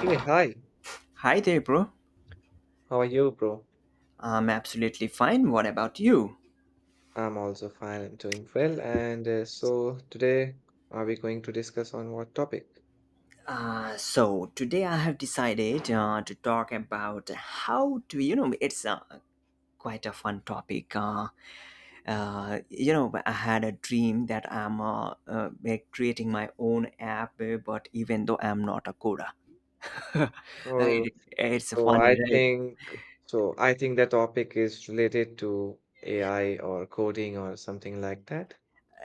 Hey, hi. Hi there, bro. How are you, bro? I'm absolutely fine. What about you? I'm also fine. I'm doing well. And So today, are we going to discuss on what topic? So today I have decided to talk about how to, you know, it's quite a fun topic. You know, I had a dream that I'm like creating my own app, but even though I'm not a coder. Right? Oh, It's so I funny, right? think I think the topic is related to AI or coding or something like that.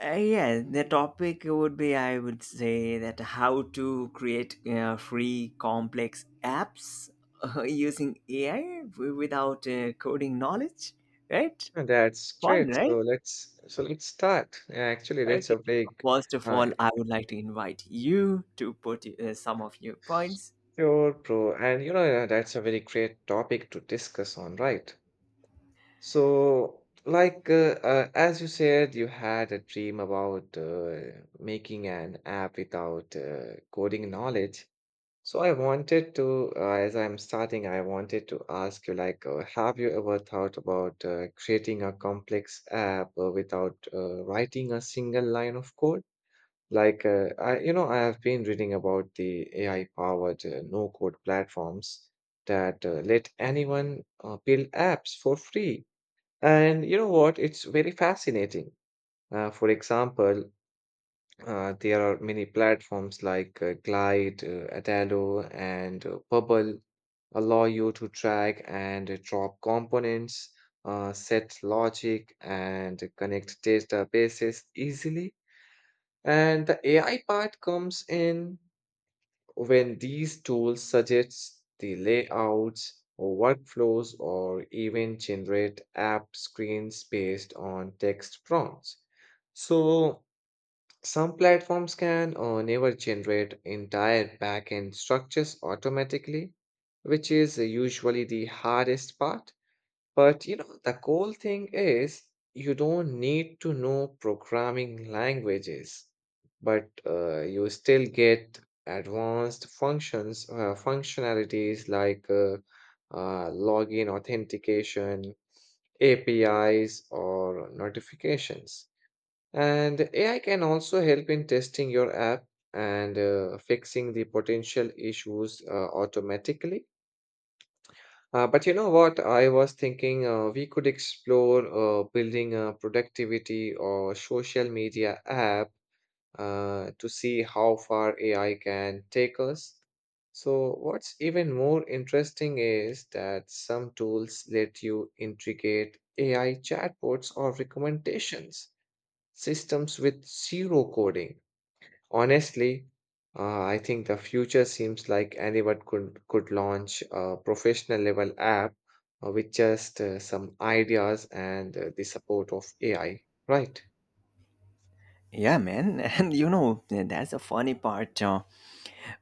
Yeah, the topic would be, I would say, that how to create free complex apps using AI without coding knowledge, right? That's Fun, great. So right? let's so let's start. Actually, that's Okay. a big. First of Uh, all, I would like to invite you to put some of your points. sure, bro. And you know, that's a very great topic to discuss on, right? So, like, as you said, you had a dream about making an app without coding knowledge. So, I wanted to, as I'm starting, I wanted to ask you, like, have you ever thought about creating a complex app without writing a single line of code? Like, I I have been reading about the AI-powered no-code platforms that let anyone build apps for free. And you know what? It's very fascinating. For example, there are many platforms like Glide, Adalo, and Bubble allow you to track and drop components, set logic, and connect databases easily. And the AI part comes in when these tools suggest the layouts or workflows or even generate app screens based on text prompts. So some platforms can or never generate entire backend structures automatically, which is usually the hardest part. But you know, the cool thing is you don't need to know programming languages, but you still get advanced functionalities like login authentication, APIs, or notifications. And AI can also help in testing your app and fixing the potential issues automatically. But you know what? I was thinking we could explore building a productivity or social media app to see how far AI can take us. So, what's even more interesting is that some tools let you integrate AI chatbots or recommendations systems with zero coding. Honestly, I think the future seems like anyone could launch a professional level app with just some ideas and the support of AI, right? Yeah, man. And you know, that's a funny part uh,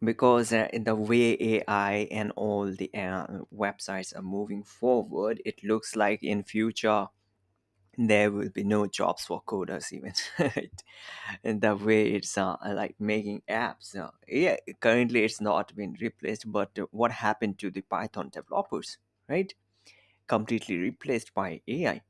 because uh, in the way AI and all the websites are moving forward, it looks like in future there will be no jobs for coders even, in the way it's like making apps. Yeah, currently it's not been replaced, but what happened to the Python developers? Right, completely replaced by AI.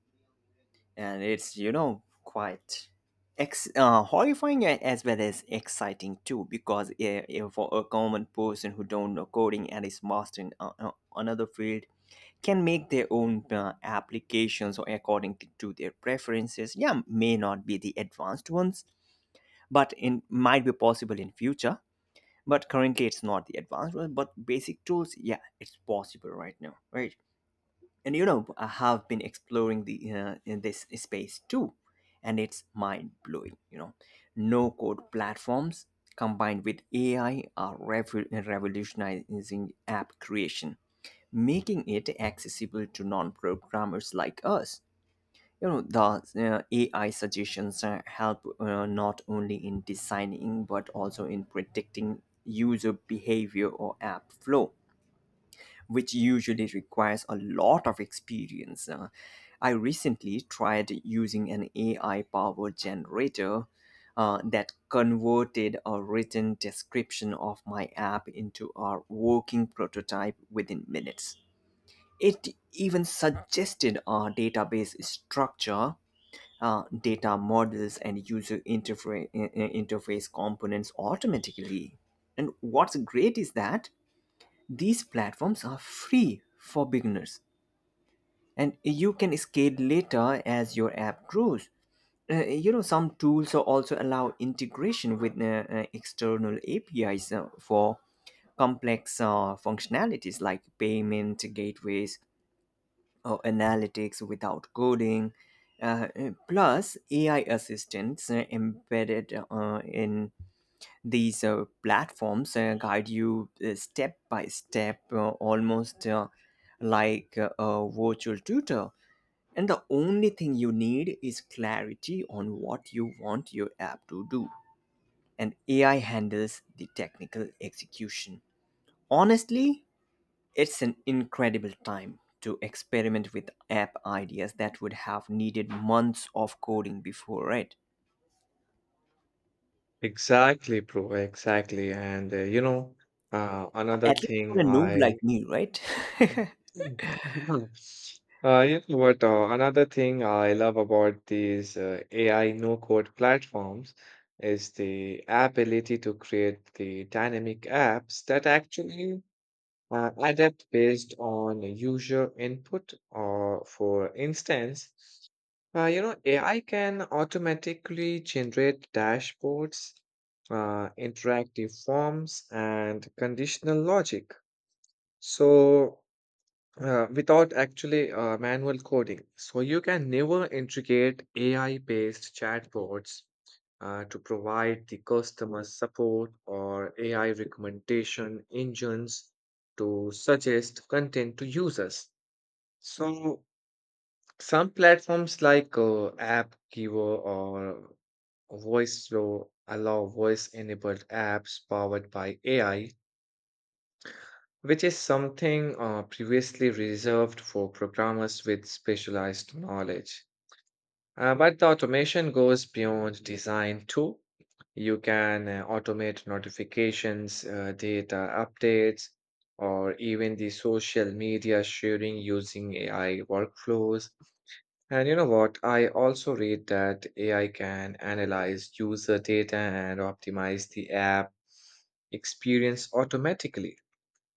And it's, you know, quite horrifying as well as exciting too, because for a common person who don't know coding and is master in another field can make their own applications or according to their preferences. Yeah, may not be the advanced ones, but in might be possible in future. But currently it's not the advanced one but basic tools, yeah, it's possible right now, right? And you know, I have been exploring the in this space too, and it's mind blowing, you know. No code platforms combined with AI are revolutionizing app creation, making it accessible to non-programmers like us. You know, the AI suggestions help not only in designing but also in predicting user behavior or app flow, which usually requires a lot of experience. I recently tried using an AI-powered generator that converted a written description of my app into a working prototype within minutes. It even suggested a database structure, data models, and user interface components automatically. And what's great is that these platforms are free for beginners, and you can scale later as your app grows. You know, some tools also allow integration with external APIs for complex functionalities like payment gateways or analytics without coding. Plus, AI assistants embedded in these platforms guide you step by step, almost like a virtual tutor. And the only thing you need is clarity on what you want your app to do. And AI handles the technical execution. Honestly, it's an incredible time to experiment with app ideas that would have needed months of coding before, right? Exactly, bro. Exactly. And another At least for thing a noob I, like me, right? Mm. Another thing I love about these AI no-code platforms is the ability to create the dynamic apps that actually adapt based on user input. Or for instance, AI can automatically generate dashboards, interactive forms and conditional logic, so without actually manual coding. So you can never integrate AI-based chatbots to provide the customer support or AI recommendation engines to suggest content to users. So some platforms like AppGiver or VoiceFlow allow voice-enabled apps powered by AI, which is something previously reserved for programmers with specialized knowledge. But the automation goes beyond design too. You can automate notifications, data updates, or even the social media sharing using AI workflows. And you know what? I also read that AI can analyze user data and optimize the app experience automatically,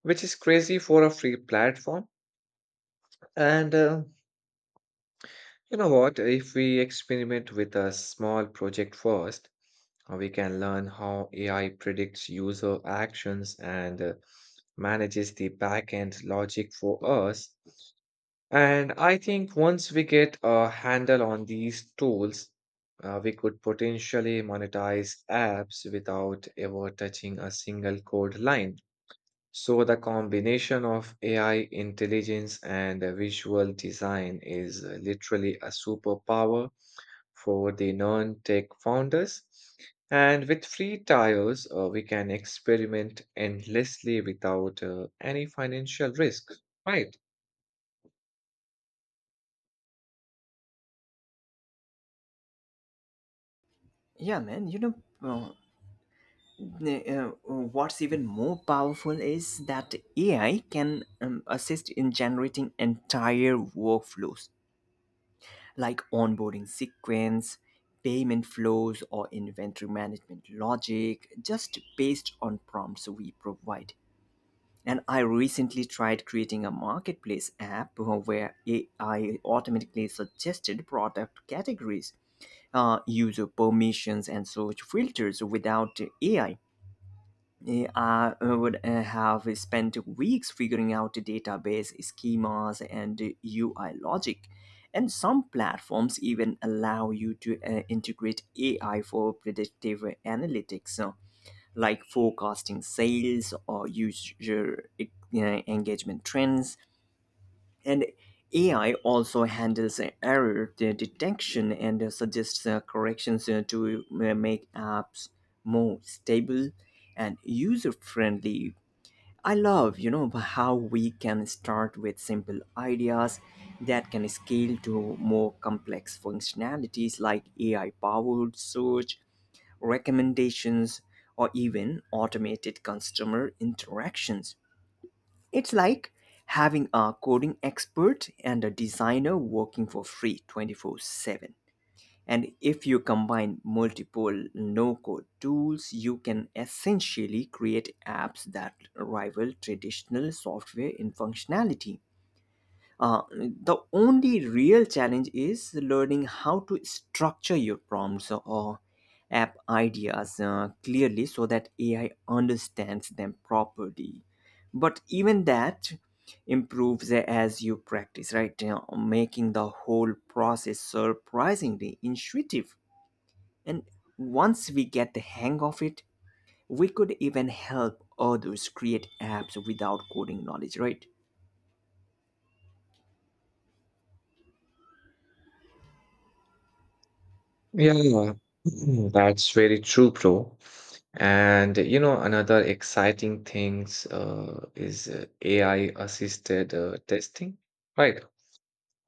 which is crazy for a free platform. And you know what? If we experiment with a small project first, we can learn how AI predicts user actions and manages the backend logic for us. And I think once we get a handle on these tools, we could potentially monetize apps without ever touching a single code line. So the combination of AI intelligence and visual design is literally a superpower for the non-tech founders. And with free tires, we can experiment endlessly without any financial risk, right? Yeah, man, you know, uh, what's even more powerful is that AI can assist in generating entire workflows like onboarding sequence, payment flows, or inventory management logic just based on prompts we provide. And I recently tried creating a marketplace app where AI automatically suggested product categories, user permissions, and search filters without AI. I would have spent weeks figuring out the database schemas and UI logic. And some platforms even allow you to integrate AI for predictive analytics. Like forecasting sales or user engagement trends. And AI also handles detection and suggests corrections to make apps more stable and user friendly. I love, you know, how we can start with simple ideas that can scale to more complex functionalities like AI powered search recommendations, or even automated customer interactions. It's like having a coding expert and a designer working for free 24/7. And if you combine multiple no code tools, you can essentially create apps that rival traditional software in functionality. The only real challenge is learning how to structure your prompts or app ideas clearly so that AI understands them properly. But even that improves as you practice, right? You know, making the whole process surprisingly intuitive. And once we get the hang of it, we could even help others create apps without coding knowledge, right? Yeah, yeah. Mm, that's very true, bro. And you know, another exciting things is AI-assisted testing, right?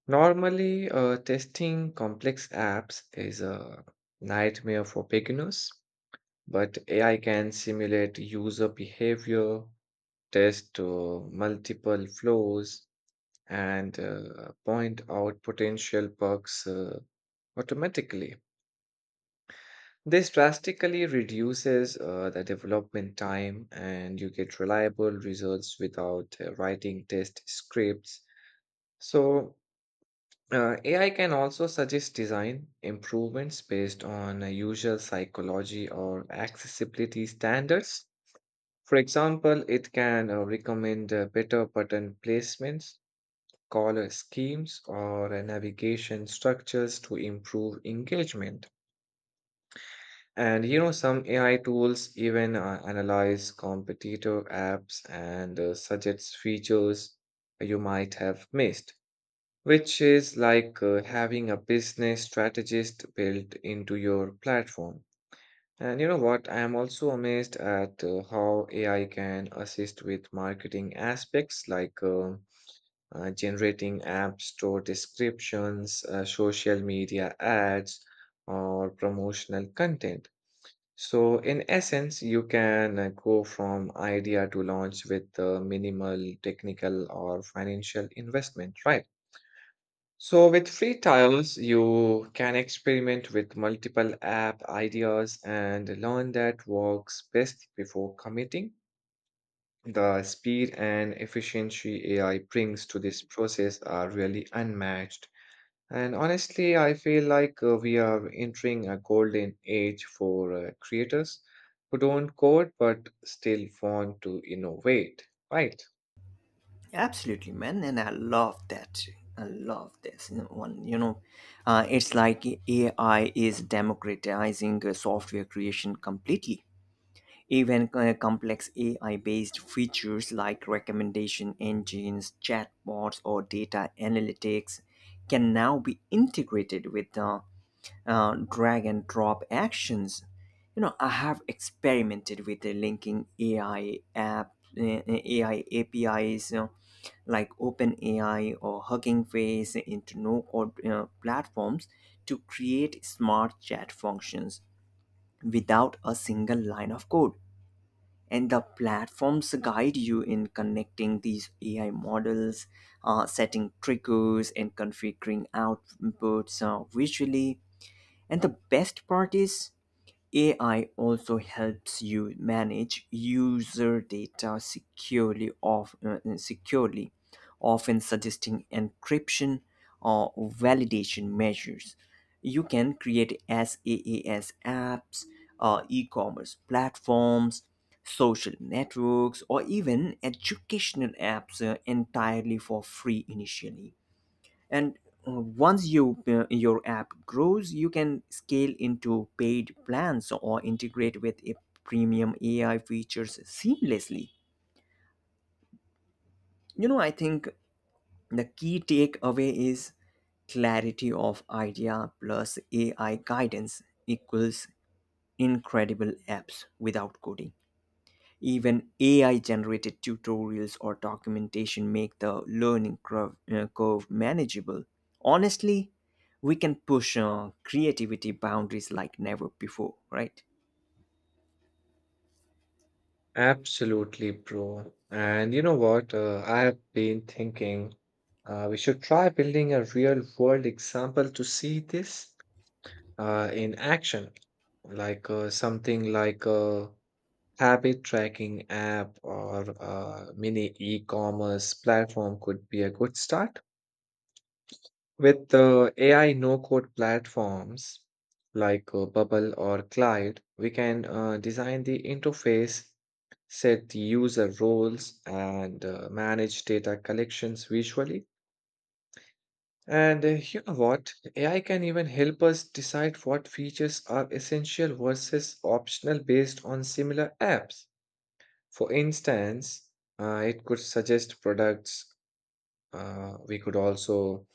Normally, testing complex apps is a nightmare for beginners, but AI can simulate user behavior, test multiple flows, and point out potential bugs automatically. This drastically reduces the development time, and you get reliable results without writing test scripts. So, AI can also suggest design improvements based on user psychology or accessibility standards. For example, it can recommend better button placements, color schemes, or navigation structures to improve engagement. And you know, some AI tools even analyze competitor apps and suggest features you might have missed, which is like having a business strategist built into your platform. And you know what? I am also amazed at how AI can assist with marketing aspects like generating app store descriptions, social media ads, or promotional content. So, in essence, you can go from idea to launch with minimal technical or financial investment, right? So, with free trials, you can experiment with multiple app ideas and learn that works best before committing. The speed and efficiency AI brings to this process are really unmatched. And honestly, I feel like we are entering a golden age for creators who don't code but still want to innovate, right? Absolutely, man, and I love that. I love this one. You know, it's like AI is democratizing software creation completely. Even complex AI-based features like recommendation engines, chatbots, or data analytics can now be integrated with drag and drop actions. You know, I have experimented with linking AI APIs, you know, like OpenAI or Hugging Face into no-code you platforms to create smart chat functions without a single line of code. And the platforms guide you in connecting these AI models, setting triggers, and configuring outputs visually. And the best part is, AI also helps you manage user data securely, often suggesting encryption or validation measures. You can create SaaS apps, e commerce platforms, social networks, or even educational apps entirely for free initially. And once your app grows, you can scale into paid plans or integrate with a premium AI features seamlessly. You know, I think the key takeaway is clarity of idea plus AI guidance equals incredible apps without coding. Even AI generated tutorials or documentation make the learning curve manageable. Honestly, we can push creativity boundaries like never before, right? Absolutely, bro. And you know what? I have been thinking we should try building a real world example to see this in action, like something like a habit tracking app or a mini e-commerce platform could be a good start. With the AI no-code platforms like Bubble or Clyde, we can design the interface, set user roles, and manage data collections visually. And you know what? AI can even help us decide what features are essential versus optional based on similar apps. For instance, it could suggest products. Uh, we could also,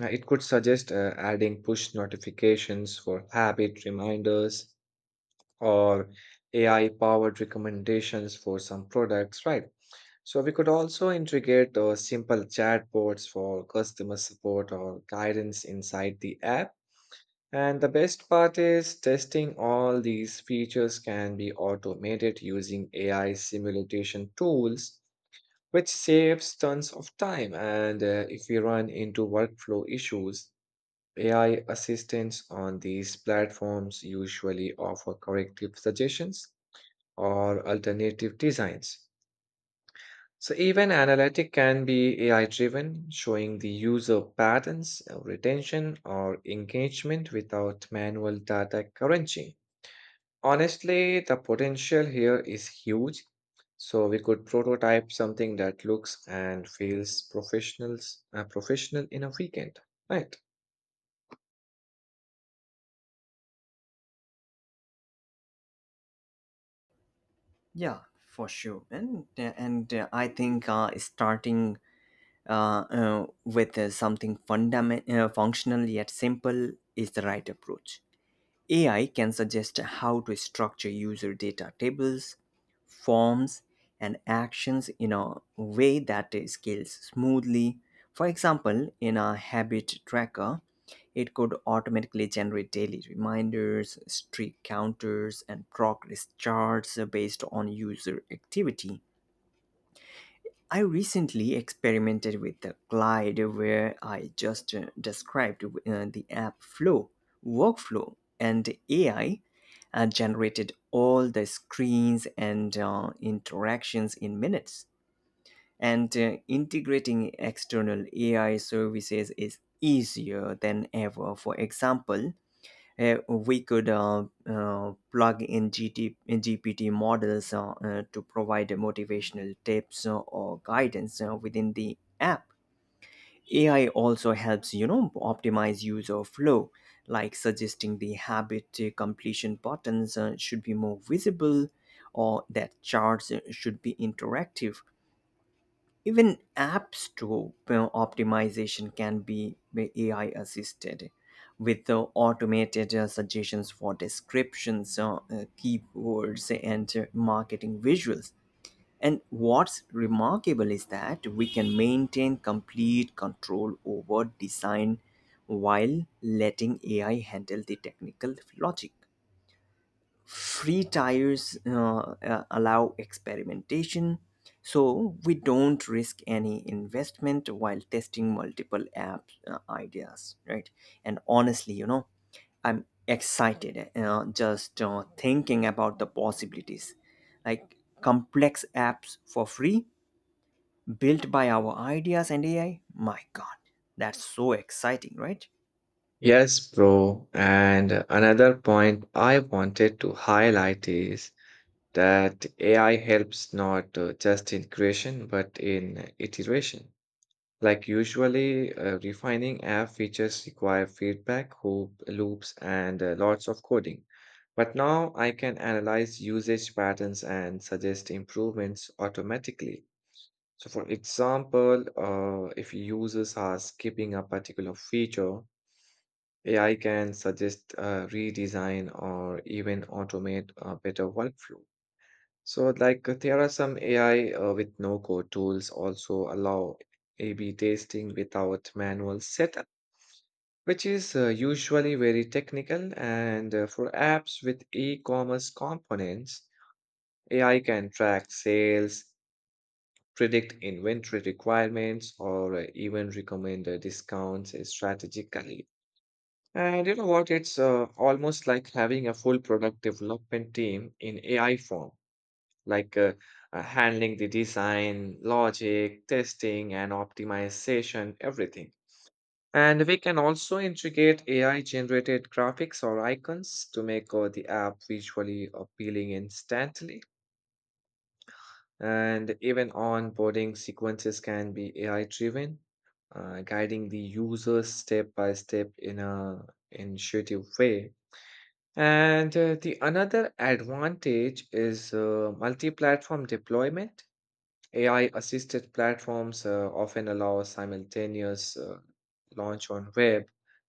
it could suggest adding push notifications for habit reminders or AI powered recommendations for some products, right? So we could also integrate simple chatbots for customer support or guidance inside the app. And the best part is testing all these features can be automated using AI simulation tools, which saves tons of time. And if we run into workflow issues, AI assistants on these platforms usually offer corrective suggestions or alternative designs. So even analytic can be AI driven, showing the user patterns, retention, or engagement without manual data crunching. Honestly, the potential here is huge. So we could prototype something that looks and feels professional in a weekend, right? Yeah, for sure. And I think starting with something functional yet simple is the right approach. AI can suggest how to structure user data tables, forms, and actions in a way that scales smoothly. For example, in a habit tracker, it could automatically generate daily reminders, streak counters, and progress charts based on user activity. I recently experimented with the Glide where I just described the app flow, workflow, and AI generated all the screens and interactions in minutes. And integrating external AI services is easier than ever. For example, we could plug in GT, in GPT models to provide motivational tips or guidance within the app. AI also helps, you know, optimize user flow, like suggesting the habit completion buttons should be more visible, or that charts should be interactive. Even apps to optimization can be AI assisted with automated suggestions for descriptions, keywords, and marketing visuals. And what's remarkable is that we can maintain complete control over design while letting AI handle the technical logic. Free tires allow experimentation, so we don't risk any investment while testing multiple app ideas, right? And honestly, you know, I'm excited just thinking about the possibilities, like complex apps for free built by our ideas and AI. My god, that's so exciting, right? Yes, bro. And another point I wanted to highlight is that AI helps not just in creation but in iteration. Like usually, refining app features require feedback loops, and lots of coding. But now I can analyze usage patterns and suggest improvements automatically. So, for example, if users are skipping a particular feature, AI can suggest a redesign or even automate a better workflow. So, there are some AI with no-code tools also allow A/B testing without manual setup, which is usually very technical. And for apps with e-commerce components, AI can track sales, predict inventory requirements, or even recommend discounts strategically. And you know what? It's almost like having a full product development team in AI form, like uh, handling the design, logic, testing, and optimization, everything. And we can also integrate AI generated graphics or icons to make the app visually appealing instantly. And even onboarding sequences can be AI driven, guiding the user step by step in a intuitive way. And the another advantage is multi platform deployment. AI assisted platforms often allow simultaneous launch on web,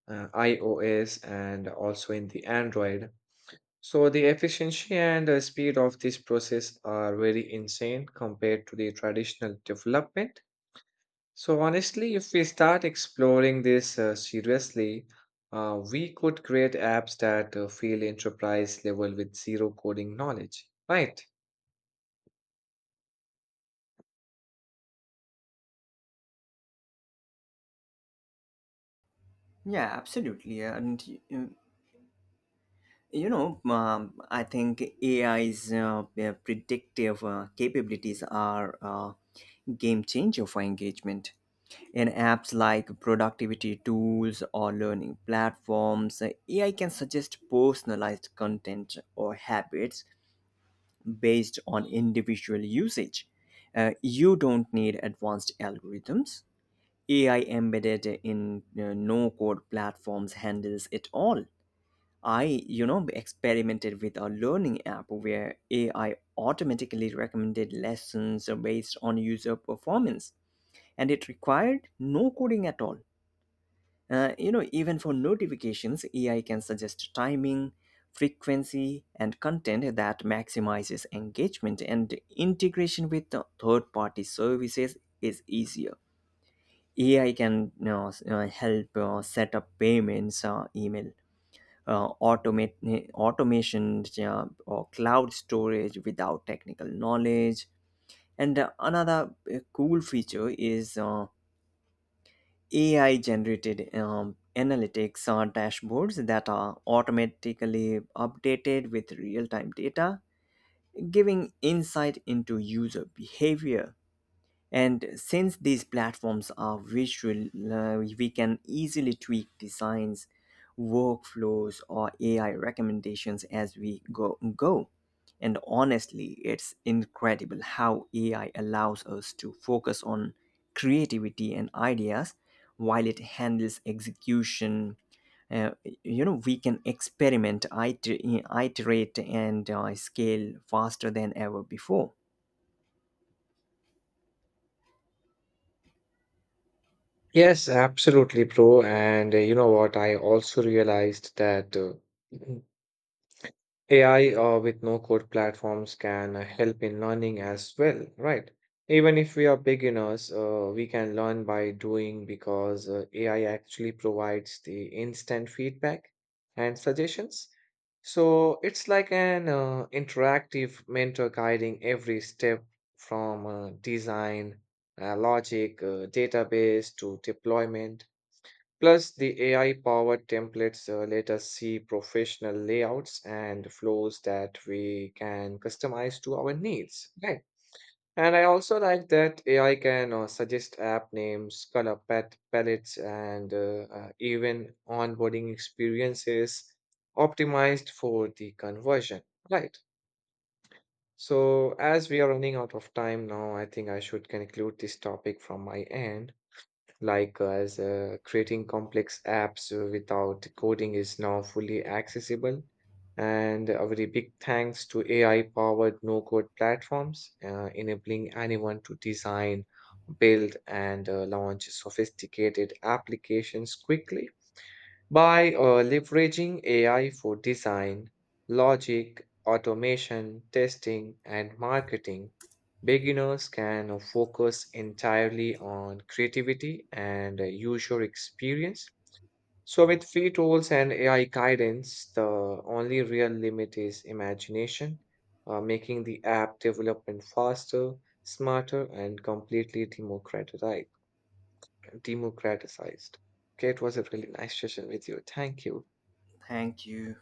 iOS, and also in the Android. So the efficiency and speed of this process are very insane compared to the traditional development. So honestly, if we start exploring this seriously, we could create apps that feel enterprise level with zero coding knowledge, right? Yeah, absolutely. And you know, I think AI's predictive capabilities are game changer for engagement. In apps like productivity tools or learning platforms, AI can suggest personalized content or habits based on individual usage. Uh, you don't need advanced algorithms. AI embedded in no code platforms handles it all. I, you know, experimented with a learning app where AI automatically recommended lessons based on user performance, and it required no coding at all. You know, even for notifications, AI can suggest timing, frequency, and content that maximizes engagement, and integration with the third-party services is easier. AI can, you know, help set up payments, email automation or cloud storage without technical knowledge. And another cool feature is AI generated analytics dashboards that are automatically updated with real time data, giving insight into user behavior. And since these platforms are visual, we can easily tweak designs, workflows, or AI recommendations as we go. And honestly, it's incredible how AI allows us to focus on creativity and ideas while it handles execution. Uh, you know, we can experiment, iterate, and scale faster than ever before. Yes, absolutely, bro. And you know what? I also realized that AI with no code platforms can help in learning as well, right? Even if we are beginners, we can learn by doing because AI actually provides the instant feedback and suggestions. So it's like an interactive mentor guiding every step from design, logic, database to deployment. Plus, the AI-powered templates let us see professional layouts and flows that we can customize to our needs, right? And I also like that AI can suggest app names, color palettes, and even onboarding experiences optimized for the conversion, right? So, as we are running out of time now, I think I should conclude this topic from my end, as creating complex apps without coding is now fully accessible. And a very big thanks to AI-powered no-code platforms, enabling anyone to design, build, and launch sophisticated applications quickly. By leveraging AI for design, logic, automation, testing, and marketing, beginners can focus entirely on creativity and user experience. So, with free tools and AI guidance, the only real limit is imagination, making the app development faster, smarter, and completely democratized. Okay, it was a really nice session with you. Thank you. Thank you.